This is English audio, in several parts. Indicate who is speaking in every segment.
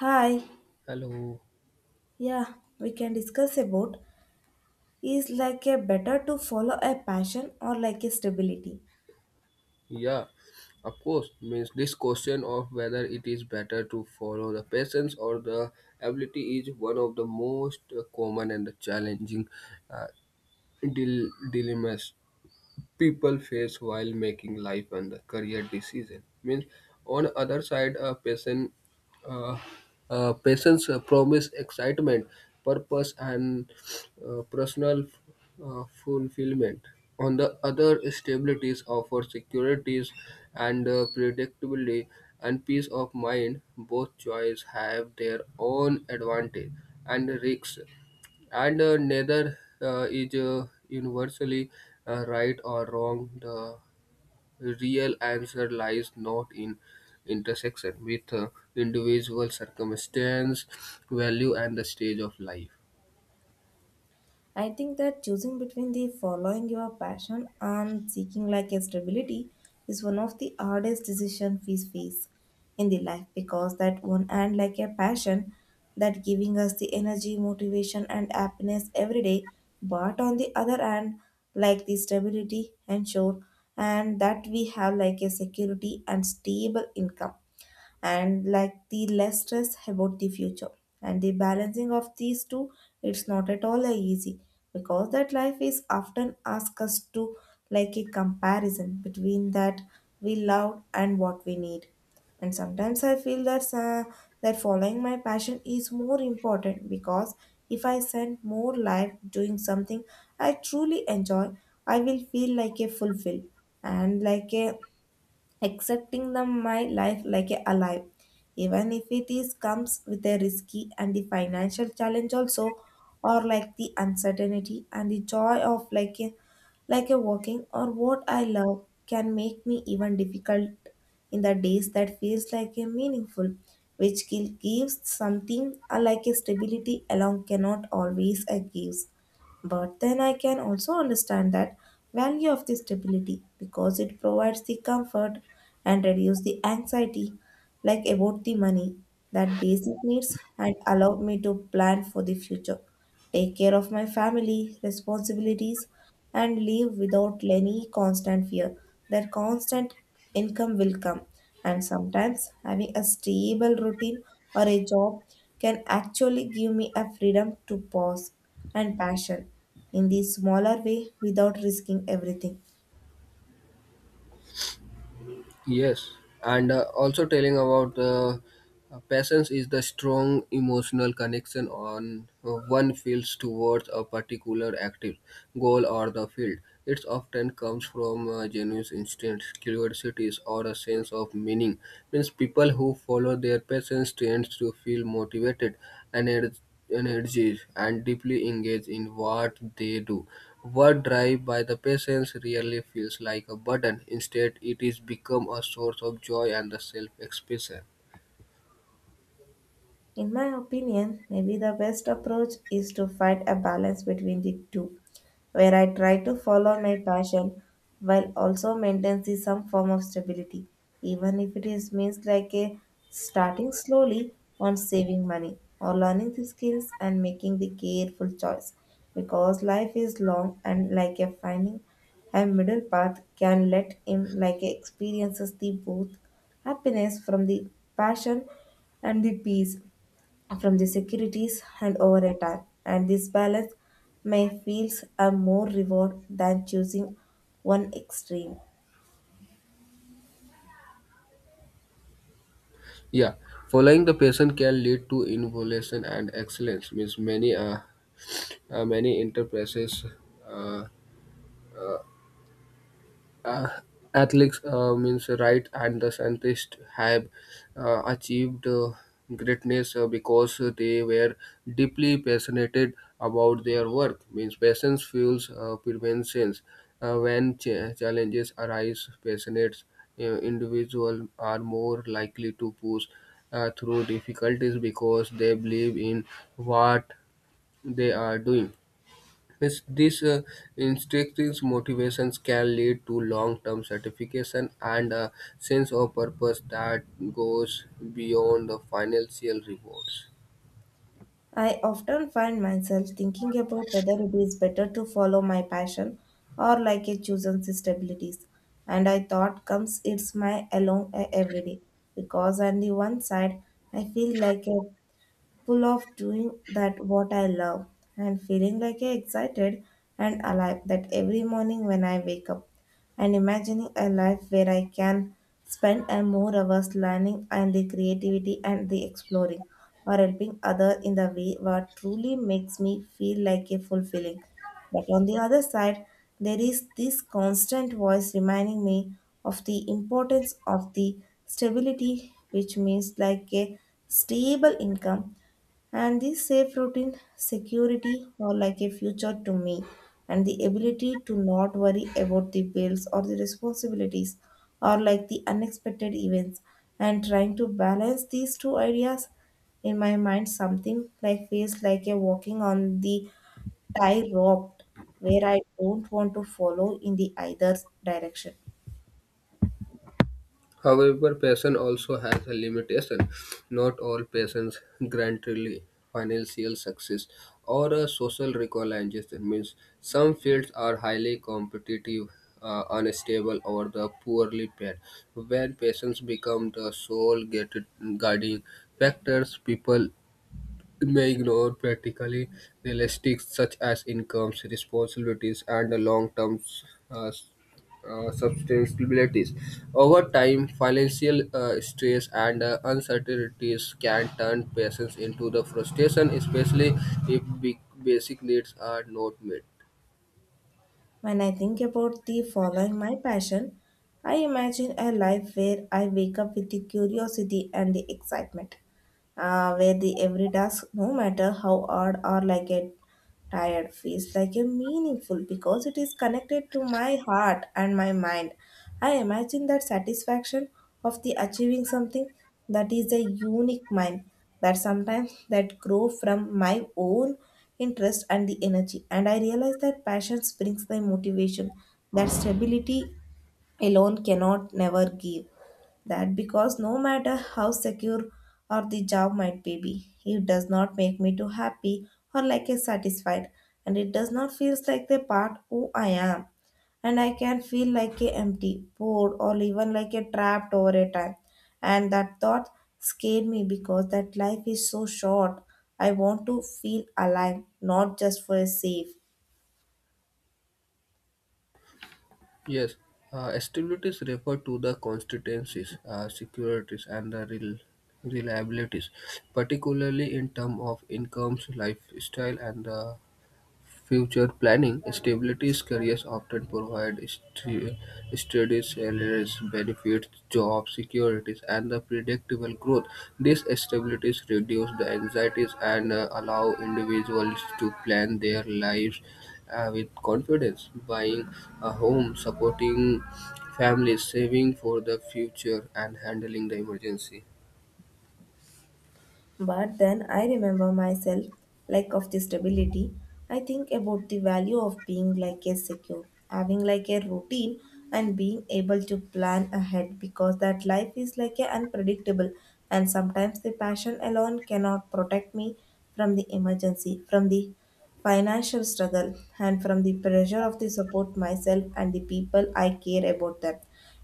Speaker 1: Hi,
Speaker 2: Hello.
Speaker 1: yeah, we can discuss about is like a better to follow a passion or like a stability.
Speaker 2: Yeah, of course. Means this question of whether it is better to follow the passions or the ability is one of the most common and challenging uh, dilemmas people face while making life and career decision means on other side a patient, uh, patients promise excitement, purpose, and personal fulfillment. On the other, stabilities offer securities and predictability and peace of mind. Both choices have their own advantage and risks, and neither is universally right or wrong. The real answer lies not in intersection with individual circumstance, value, and the stage of life.
Speaker 1: I think that choosing between the following your passion and seeking like a stability is one of the hardest decisions we face in the life, because that one and like a passion that giving us the energy, motivation and happiness every day, but on the other hand, like the stability and sure and that we have like a security and stable income and like the less stress about the future. And the balancing of these two, it's not at all easy because that life is often ask us to like a comparison between that we love and what we need. And sometimes I feel that following my passion is more important, because if I spend more life doing something I truly enjoy, I will feel like a fulfilled and like a accepting them my life like a alive, even if it is comes with a risky and the financial challenge also, or like the uncertainty, and the joy of like a walking or what I love can make me even difficult in the days that feels like a meaningful, which gives something like a stability along cannot always gives. But then I can also understand that value of the stability, because it provides the comfort and reduce the anxiety like about the money, that basic needs, and allow me to plan for the future, take care of my family responsibilities, and live without any constant fear that constant income will come. And sometimes having a stable routine or a job can actually give me a freedom to pause and passion in the smaller way without risking everything.
Speaker 2: Yes, and also telling about passions is the strong emotional connection on one feels towards a particular active goal or the field. It often comes from genuine instincts, curiosities, or a sense of meaning. Means people who follow their passions tend to feel motivated and energies and deeply engaged in what they do. Work drive by the patients really feels like a burden. Instead, it is become a source of joy and the self-expression.
Speaker 1: In my opinion, maybe the best approach is to find a balance between the two, where I try to follow my passion while also maintaining some form of stability, even if it is means like a starting slowly on saving money or learning the skills and making the careful choice. Because life is long, and like a finding a middle path can let him like experiences the both happiness from the passion and the peace from the securities and over a time, and this balance may feels a more reward than choosing one extreme.
Speaker 2: Yeah, following the patient can lead to innovation and excellence. Means many many enterprises. Uh, uh, athletes means right, and the scientists have achieved greatness because they were deeply passionate about their work. Means passion fuels preventions. When challenges arise, passionate individuals are more likely to push through difficulties because they believe in what they are doing. Yes, these instinctive motivations can lead to long-term satisfaction and a sense of purpose that goes beyond the financial rewards.
Speaker 1: I often find myself thinking about whether it is better to follow my passion or like a chosen stabilities, and I thought comes it's my alone every day, because on the one side I feel like a full of doing that what I love and feeling like I excited and alive that every morning when I wake up and imagining a life where I can spend a more hours learning and the creativity and the exploring or helping other in the way what truly makes me feel like a fulfilling. But on the other side, there is this constant voice reminding me of the importance of the stability, which means like a stable income and the safe routine security or like a future to me and the ability to not worry about the bills or the responsibilities or like the unexpected events. And trying to balance these two ideas in my mind something like feels like a walking on the I rocked where I don't want to follow in the either direction.
Speaker 2: However, passion also has a limitation. Not all passions grant really financial success or a social recognition. Means some fields are highly competitive, unstable, or the poorly paid. When passions become the sole guiding factors, people may ignore practically realistics such as incomes, responsibilities, and the long-term uh, sustainabilities. Over time, financial stress and uncertainties can turn patients into the frustration, especially if big basic needs are not met.
Speaker 1: When I think about the following my passion, I imagine a life where I wake up with the curiosity and the excitement, where the every task, no matter how hard or like a tired, feels like a meaningful because it is connected to my heart and my mind. I imagine that satisfaction of the achieving something that is a unique mind that sometimes that grow from my own interest and the energy, and I realize that passion brings the motivation that stability alone cannot never give that, because no matter how secure or the job might be, it does not make me too happy or like a satisfied, and it does not feels like the part who I am, and I can feel like a empty bored or even like a trapped over a time. And that thought scared me because that life is so short. I want to feel alive, not just for a safe.
Speaker 2: Yes, stabilities refer to the constituencies, securities, and the real reliabilities, particularly in terms of incomes, lifestyle, and the future planning. Stability careers often provide steady salaries, benefits, job securities, and the predictable growth. These stabilities reduce the anxieties and allow individuals to plan their lives with confidence, buying a home, supporting families, saving for the future, and handling the emergency.
Speaker 1: But then I remember myself like of the stability. I think about the value of being like a secure, having like a routine and being able to plan ahead, because that life is like a unpredictable and sometimes the passion alone cannot protect me from the emergency, from the financial struggle and from the pressure of the support myself and the people I care about them.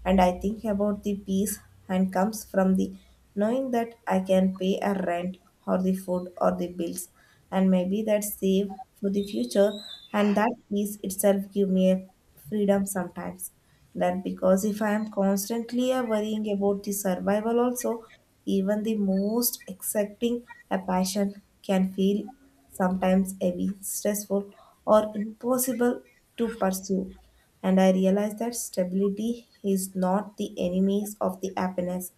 Speaker 1: And I think about the peace and comes from the knowing that I can pay a rent or the food or the bills and maybe that save for the future, and that peace itself give me a freedom sometimes, that because if I am constantly worrying about the survival also, even the most accepting a passion can feel sometimes heavy, stressful, or impossible to pursue. And I realized that stability is not the enemies of the happiness,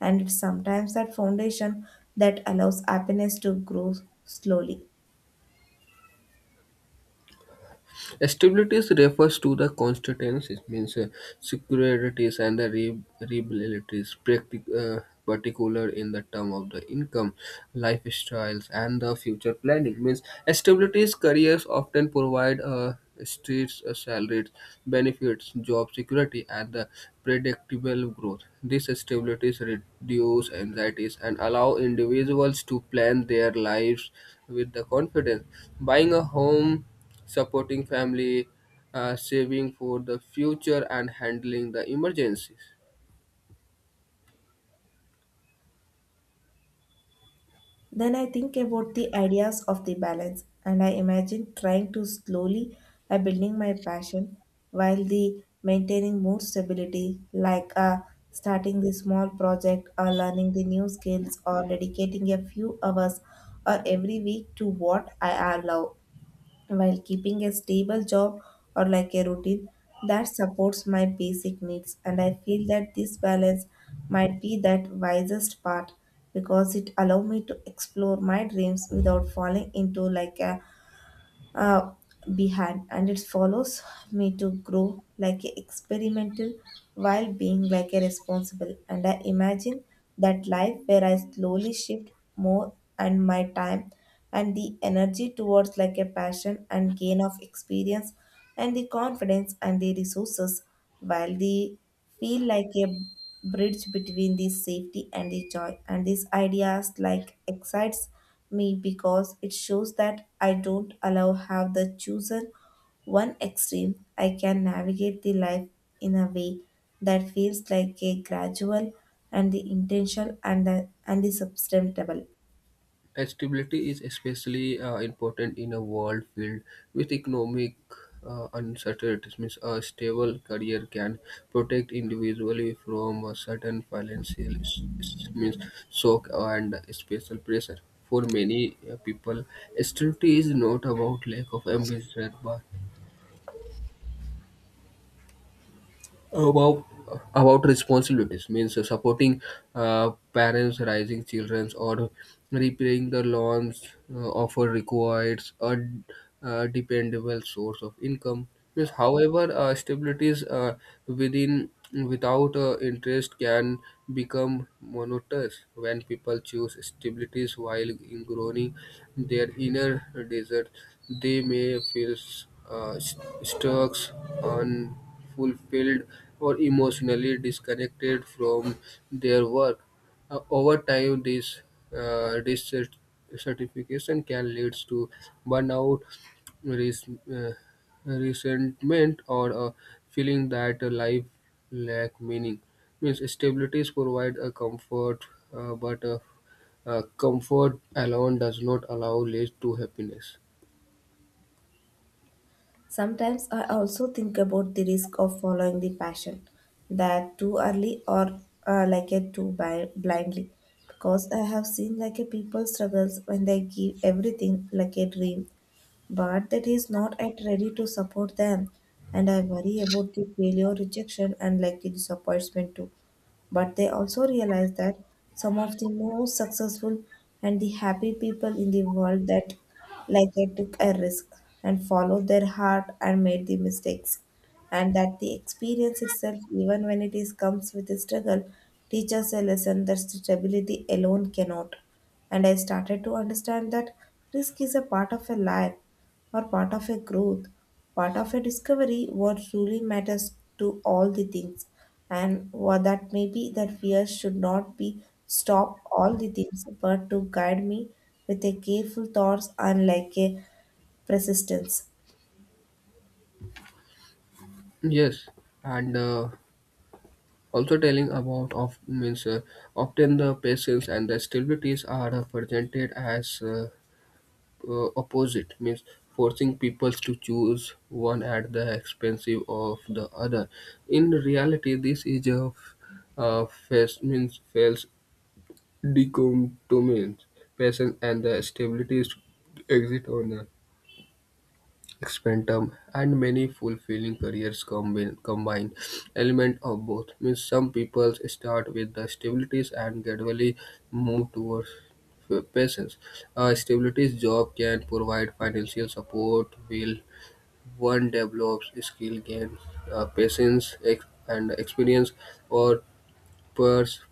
Speaker 1: and it's sometimes that foundation that allows happiness to grow slowly.
Speaker 2: Stability refers to the constituencies, means securities and the liabilities, particular in the term of the income, lifestyles, and the future planning. Means stabilities careers often provide streets, salaries, benefits, job security, and the predictable growth. These stabilities reduce anxieties and allow individuals to plan their lives with the confidence. Buying a home, supporting family, saving for the future, and handling the emergencies.
Speaker 1: Then I think about the ideas of the balance, and I imagine trying to slowly building my passion while the maintaining more stability like starting the small project or learning the new skills or dedicating a few hours or every week to what I love while keeping a stable job or like a routine that supports my basic needs. And I feel that this balance might be that wisest part because it allow me to explore my dreams without falling into like a uh, behind, and it follows me to grow like a experimental while being like a responsible. And I imagine that life where I slowly shift more and my time and the energy towards like a passion and gain of experience and the confidence and the resources while they feel like a bridge between the safety and the joy, and these ideas like excites me because it shows that I don't allow have the chosen one extreme. I can navigate the life in a way that feels like a gradual and the intentional and the sustainable.
Speaker 2: Stability is especially important in a world filled with economic uncertainties. Means a stable career can protect individually from a certain financial means shock and special pressure. For many people, stability is not about lack of ambition, but about about responsibilities. Means supporting parents, raising children, or repairing the loans offer requires a, dependable source of income. Means however stabilities within without interest can become monotonous. When people choose stabilities while ignoring their inner desert, they may feel stuck on fulfilled or emotionally disconnected from their work. Over time, this dissatisfaction can lead to burnout, res- uh, resentment, or a feeling that life lack meaning. Means stabilities provide a comfort, but a comfort alone does not allow lead to happiness.
Speaker 1: Sometimes I also think about the risk of following the passion that too early or like it too blindly because I have seen like a people struggles when they give everything like a dream but that is not yet ready to support them. And I worry about the failure, rejection, and likely disappointment too. But they also realize that some of the most successful and the happy people in the world that like they took a risk and followed their heart and made the mistakes, and that the experience itself, even when it is comes with a struggle, teaches a lesson that stability alone cannot. And I started to understand that risk is a part of a life or part of a growth, part of a discovery, what truly matters to all the things. And what that may be that fear should not be stop all the things, but to guide me with a careful thoughts and like a persistence.
Speaker 2: Yes, and. Also telling about of means often the patience and the stabilities are presented as opposite, means forcing people to choose one at the expense of the other. In reality this is a face means fails decom means patience and the stabilities exit on experimentum, and many fulfilling careers combine element of both. Means some people start with the stabilities and gradually move towards passions. A stabilities job can provide financial support, will one develops skill, gain patience and experience or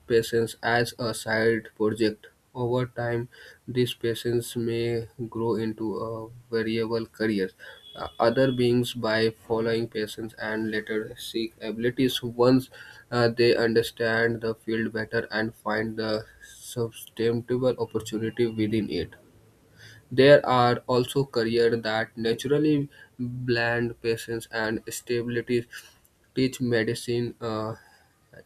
Speaker 2: patience as a side project. Over time, these patience may grow into a variable career. Other beings, by following patients and later seek abilities, once they understand the field better and find the sustainable opportunity within it. There are also careers that naturally blend patience and stability, teach medicine,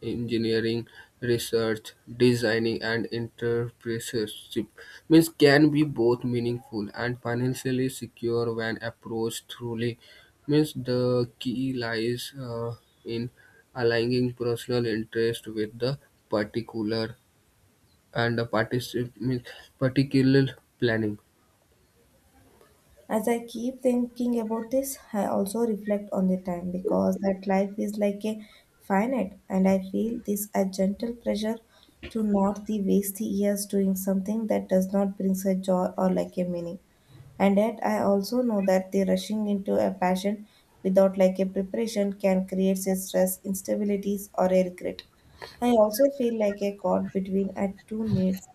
Speaker 2: engineering, research, designing, and entrepreneurship. Means can be both meaningful and financially secure when approached truly. Means the key lies in aligning personal interest with the particular and the means particular planning.
Speaker 1: As I keep thinking about this, I also reflect on the time because that life is like a finite, and I feel this a gentle pressure to not the waste the years doing something that does not bring a joy or like a meaning. And yet, I also know that the rushing into a passion without like a preparation can create a stress, instabilities, or a regret. I also feel like a caught between at two needs,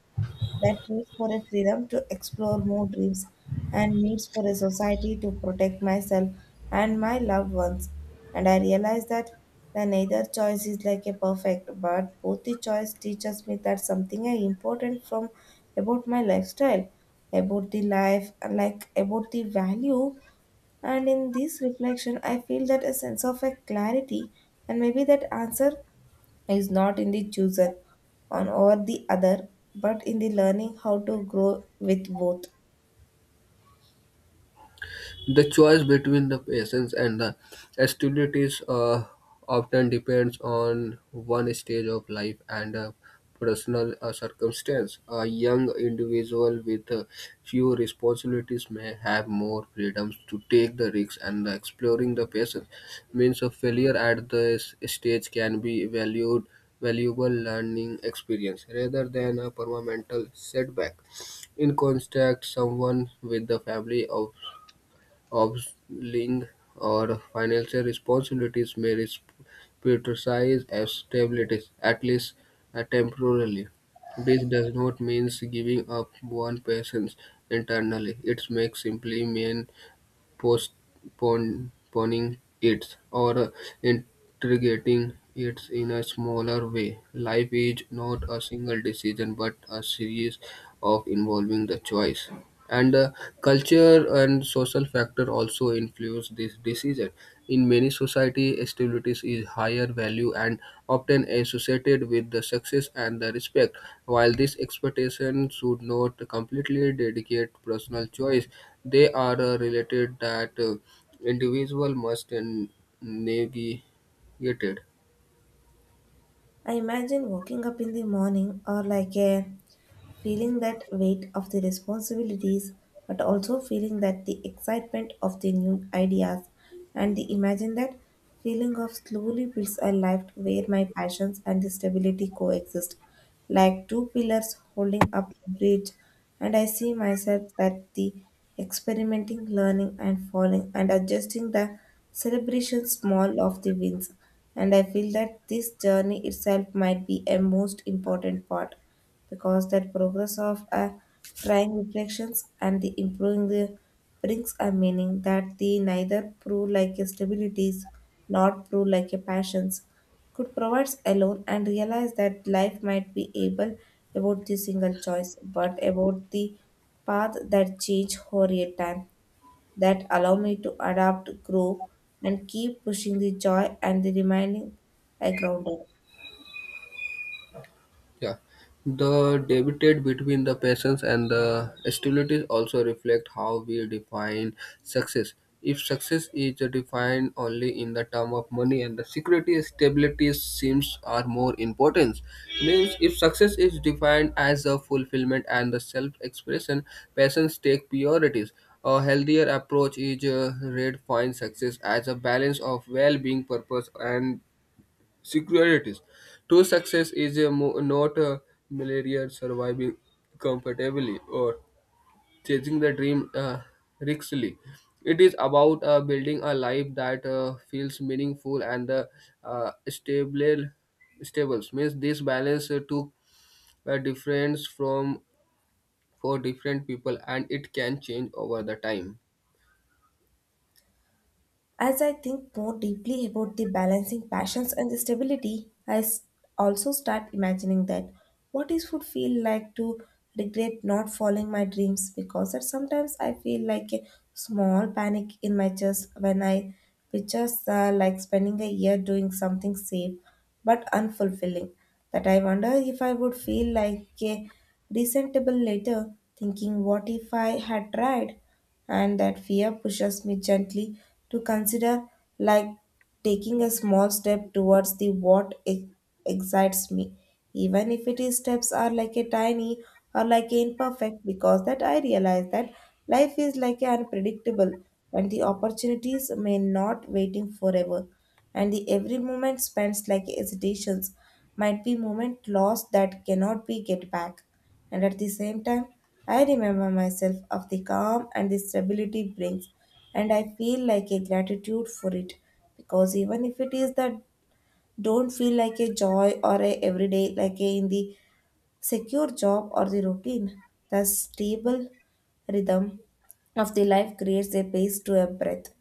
Speaker 1: that needs for a freedom to explore more dreams and needs for a society to protect myself and my loved ones. And I realize that the neither choice is like a perfect, but both the choice teaches me that something I important from about my lifestyle, about the life, and like about the value. And in this reflection, I feel that a sense of a clarity, and maybe that answer is not in the chooser on or the other, but in the learning how to grow with both.
Speaker 2: The choice between the patience and the hostilities often depends on one stage of life and a personal circumstance. A young individual with few responsibilities may have more freedoms to take the risks and the exploring the patience, means of failure at this stage can be valued valuable learning experience rather than a permanent setback. In contact, someone with the family of obliging or financial responsibilities may be criticized as stabilities, at least temporarily. This does not mean giving up one person's internally. It may simply mean postponing it or integrating it in a smaller way. Life is not a single decision but a series of involving the choice. And culture and social factor also influence this decision. In many society, stability is higher value and often associated with the success and the respect. While these expectations should not completely dedicate personal choice, they are related that individual must navigate.
Speaker 1: I imagine waking up in the morning or like a feeling that weight of the responsibilities, but also feeling that the excitement of the new ideas and the imagine that feeling of slowly builds a life where my passions and the stability coexist like two pillars holding up a bridge, and I see myself that the experimenting, learning and falling and adjusting the celebration small of the wins. And I feel that this journey itself might be a most important part because that progress of a trying reflections and the improving the brings a meaning that the neither prove like a stabilities nor prove like a passions could provide alone and realize that life might be able about the single choice but about the path that change over a time that allow me to adapt, grow and keep pushing the joy and the remaining I grounded.
Speaker 2: Yeah, the debate between the passions and the hostilities also reflect how we define success. If success is defined only in the term of money and the security, stability seems are more important. Means if success is defined as a fulfillment and the self-expression, passions take priorities. A healthier approach is redefined success as a balance of well-being, purpose, and securities. True success is a not a malaria surviving comfortably or chasing the dream riskily. It is about building a life that feels meaningful and the uh, stable stables. Means this balance took a difference from for different people and it can change over the time.
Speaker 1: As I think more deeply about the balancing passions and the stability, also start imagining that what it would feel like to regret not following my dreams, because that sometimes I feel like a small panic in my chest when I picture like spending a year doing something safe but unfulfilling, that I wonder if I would feel like a resentable later thinking what if I had tried. And that fear pushes me gently to consider like taking a small step towards the what excites me, even if it is steps are like a tiny or like a imperfect, because that I realize that life is like a unpredictable and the opportunities may not waiting forever, and the every moment spent like hesitations might be moment lost that cannot be get back. And at the same time, I remember myself of the calm and the stability brings, and I feel like a gratitude for it because even if it is that don't feel like a joy or a everyday like a in the secure job or the routine, the stable rhythm of the life creates a pace to a breath,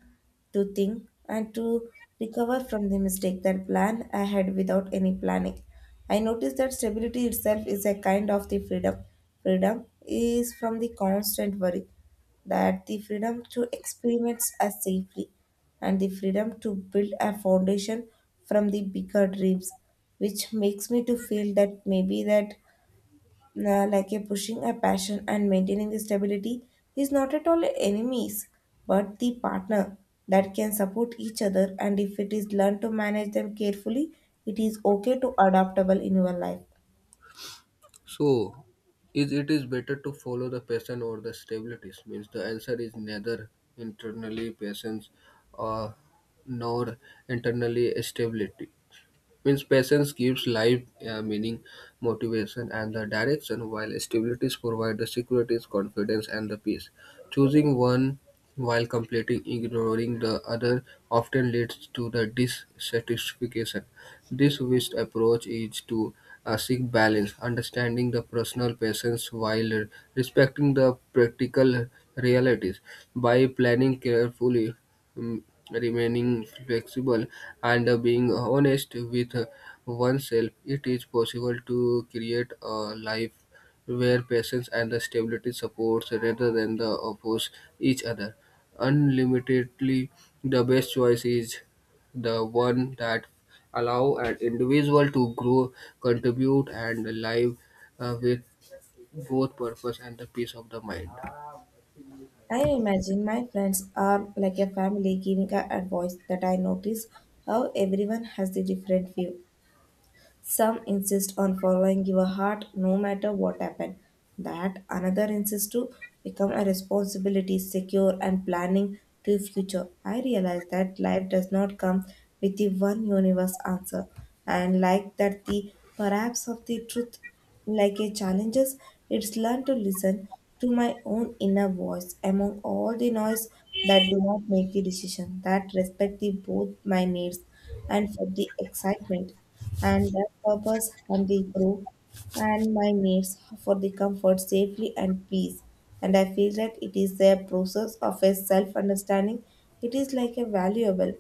Speaker 1: to think and to recover from the mistake that plan ahead without any planning. I noticed that stability itself is a kind of the freedom. Freedom is from the constant worry, that the freedom to experiment as safely, and the freedom to build a foundation from the bigger dreams, which makes me to feel that maybe that like a pushing a passion and maintaining the stability is not at all enemies but the partner that can support each other, and if it is learned to manage them carefully, it is okay to adaptable in your life.
Speaker 2: So, is it is better to follow the passion or the stabilities? Means the answer is neither internally passions or nor internally stability. Means patience gives life meaning, motivation, and the direction, while stabilities provide the security, confidence, and the peace. Choosing one while completely ignoring the other often leads to the dissatisfaction. This wished approach is to seek balance, understanding the personal patience while respecting the practical realities. By planning carefully, um, remaining flexible and being honest with oneself, it is possible to create a life where patience and the stability supports rather than the oppose each other. Unlimitedly, the best choice is the one that allow an individual to grow, contribute, and live with both purpose and the peace of the mind.
Speaker 1: I imagine my friends are like a family giving a advice, that I notice how everyone has the different view. Some insist on following your heart no matter what happens. That another insists to become a responsibility, secure, and planning to future. I realize that life does not come with the one universe answer, and like that, the perhaps of the truth, like a challenges, it's learned to listen to my own inner voice among all the noise, that do not make the decision that respect the both my needs and for the excitement and the purpose and the growth, and my needs for the comfort, safely and peace. And I feel that it is a process of a self-understanding. It is like a valuable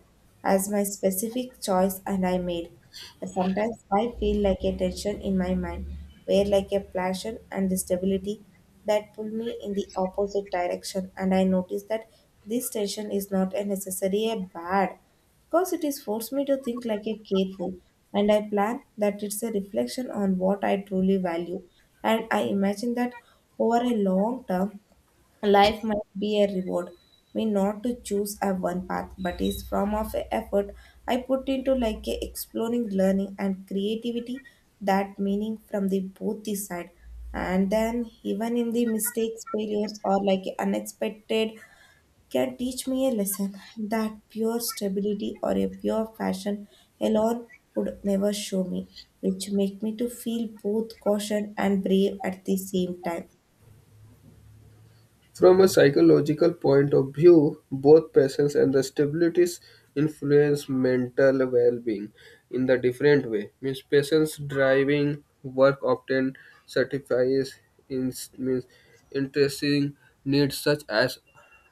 Speaker 1: as my specific choice and I made. And sometimes I feel like a tension in my mind, where like a passion and the stability that pull me in the opposite direction. And I notice that this tension is not a necessary a bad, because it is forced me to think like a careful and I plan that it's a reflection on what I truly value. And I imagine that over a long term, life might be a reward me not to choose a one path but is from of a effort I put into like a exploring, learning and creativity, that meaning from the both the side. And then even in the mistakes, failures or like unexpected can teach me a lesson that pure stability or a pure fashion alone would never show me, which make me to feel both caution and brave at the same time.
Speaker 2: From a psychological point of view, both passions and the stabilities influence mental well-being in the different way. Means passions driving work often satisfies in means interesting needs such as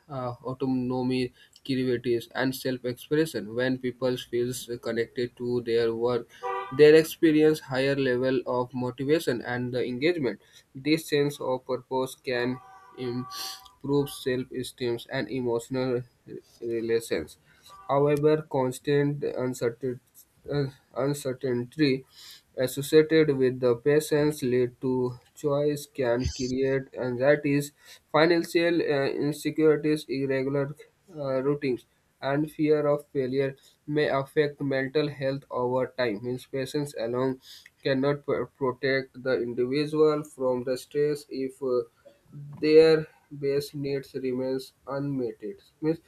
Speaker 2: autonomy, creativity, and self-expression. When people feel connected to their work, they experience higher level of motivation and the engagement. This sense of purpose can improve self-esteem and emotional relations. However, constant uh, uncertainty associated with the patients lead to choice can create anxieties, financial insecurities, irregular routines, and fear of failure may affect mental health over time. Means patients alone cannot protect the individual from the stress if their base needs remains unmet. Means,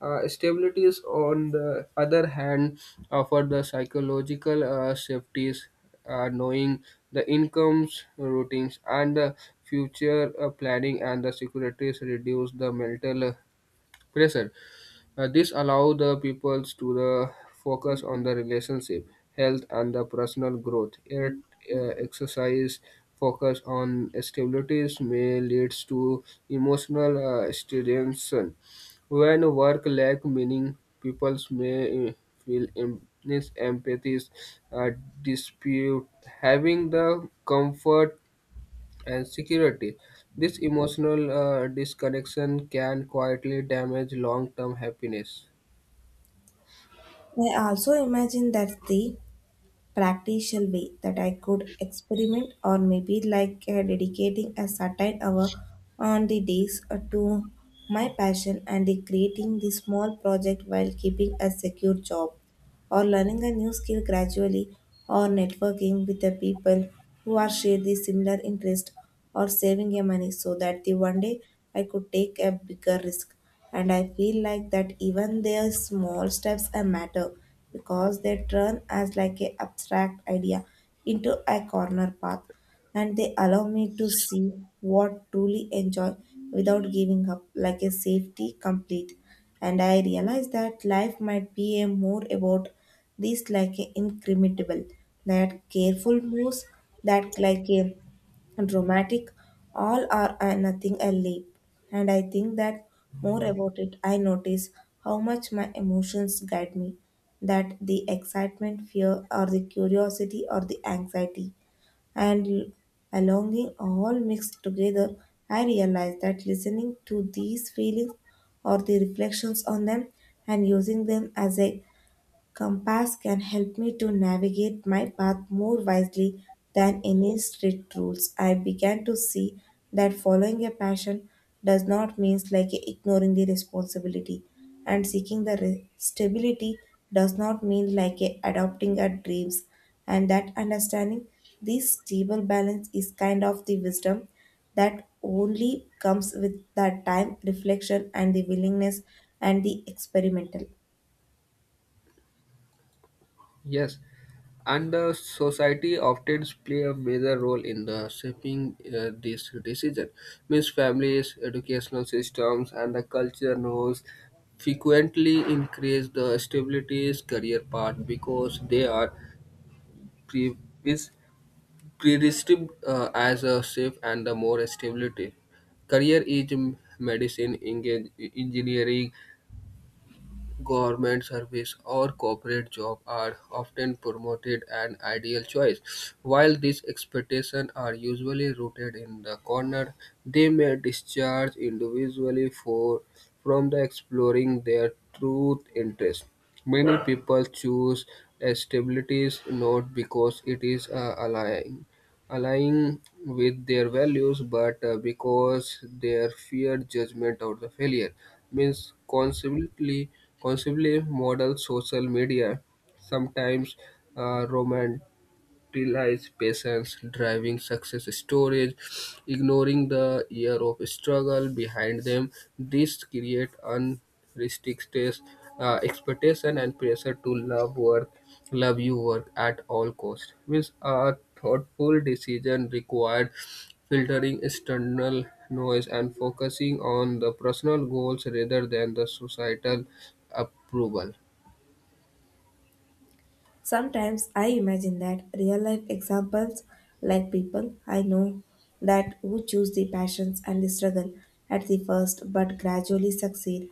Speaker 2: stabilities, on the other hand, offer the psychological safeties, knowing the incomes, routines, and the future planning and the securities reduce the mental pressure. This allows the peoples to the focus on the relationship, health, and the personal growth. Yet, exercise focus on stabilities may leads to emotional stagnation. When work lack meaning, peoples may feel miss empathies, uh, dispute, having the comfort and security. This emotional disconnection can quietly damage long-term happiness.
Speaker 1: I also imagine that the practical way that I could experiment, or maybe like dedicating a certain hour on the days to my passion and the creating the small project while keeping a secure job, or learning a new skill gradually, or networking with the people who are share the similar interest, or saving your money so that the one day I could take a bigger risk. And I feel like that even their small steps a matter, because they turn as like a abstract idea into a corner path, and they allow me to see what truly enjoy without giving up like a safety complete. And I realize that life might be a more about this like a incrementable, that careful moves, that like a dramatic all are a nothing a leap. And I think that more about it I notice how much my emotions guide me, that the excitement, fear or the curiosity or the anxiety and a longing all mixed together. I realized that listening to these feelings or the reflections on them and using them as a compass can help me to navigate my path more wisely than any strict rules. I began to see that following a passion does not mean like ignoring the responsibility, and seeking the stability does not mean like a adopting our dreams. And that understanding this stable balance is kind of the wisdom that only comes with the time, reflection, and the willingness and the experimental.
Speaker 2: Yes, and the society often play a major role in the shaping this decision. Means families, educational systems, and the culture roles frequently increase the stability's career path because they are pre is predestined as a safe and the more stability. Career is medicine, engineering, government service or corporate job are often promoted an ideal choice. While these expectations are usually rooted in the corner, they may discharge individually for from the exploring their true interest. Many people choose stabilities not because it is alluring aligning with their values, but because their fear judgment or the failure. Means conceivably model social media sometimes romant utilize patience, driving success stories, ignoring the year of struggle behind them. This create unrestricted expectation and pressure to love you work at all cost. Means a thoughtful decision required filtering external noise and focusing on the personal goals rather than the societal approval.
Speaker 1: Sometimes I imagine that real life examples like people I know that who choose the passions and the struggle at the first but gradually succeed,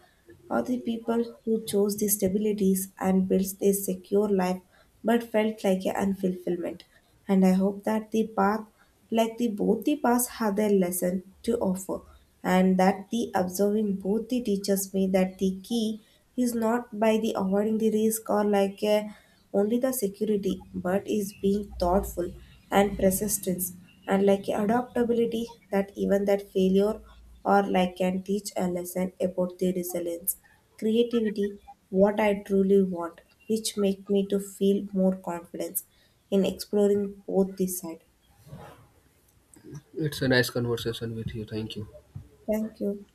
Speaker 1: or the people who chose the stabilities and built a secure life but felt like a unfulfillment. And I hope that the path, like the both the paths, have their lesson to offer, and that the observing both the teaches me that the key is not by the avoiding the risk or like a, only the security, but is being thoughtful and persistence and like adaptability, that even that failure or like can teach a lesson about the resilience, creativity, what I truly want, which make me to feel more confidence in exploring both this side.
Speaker 2: It's a nice conversation with you. Thank you.
Speaker 1: Thank you.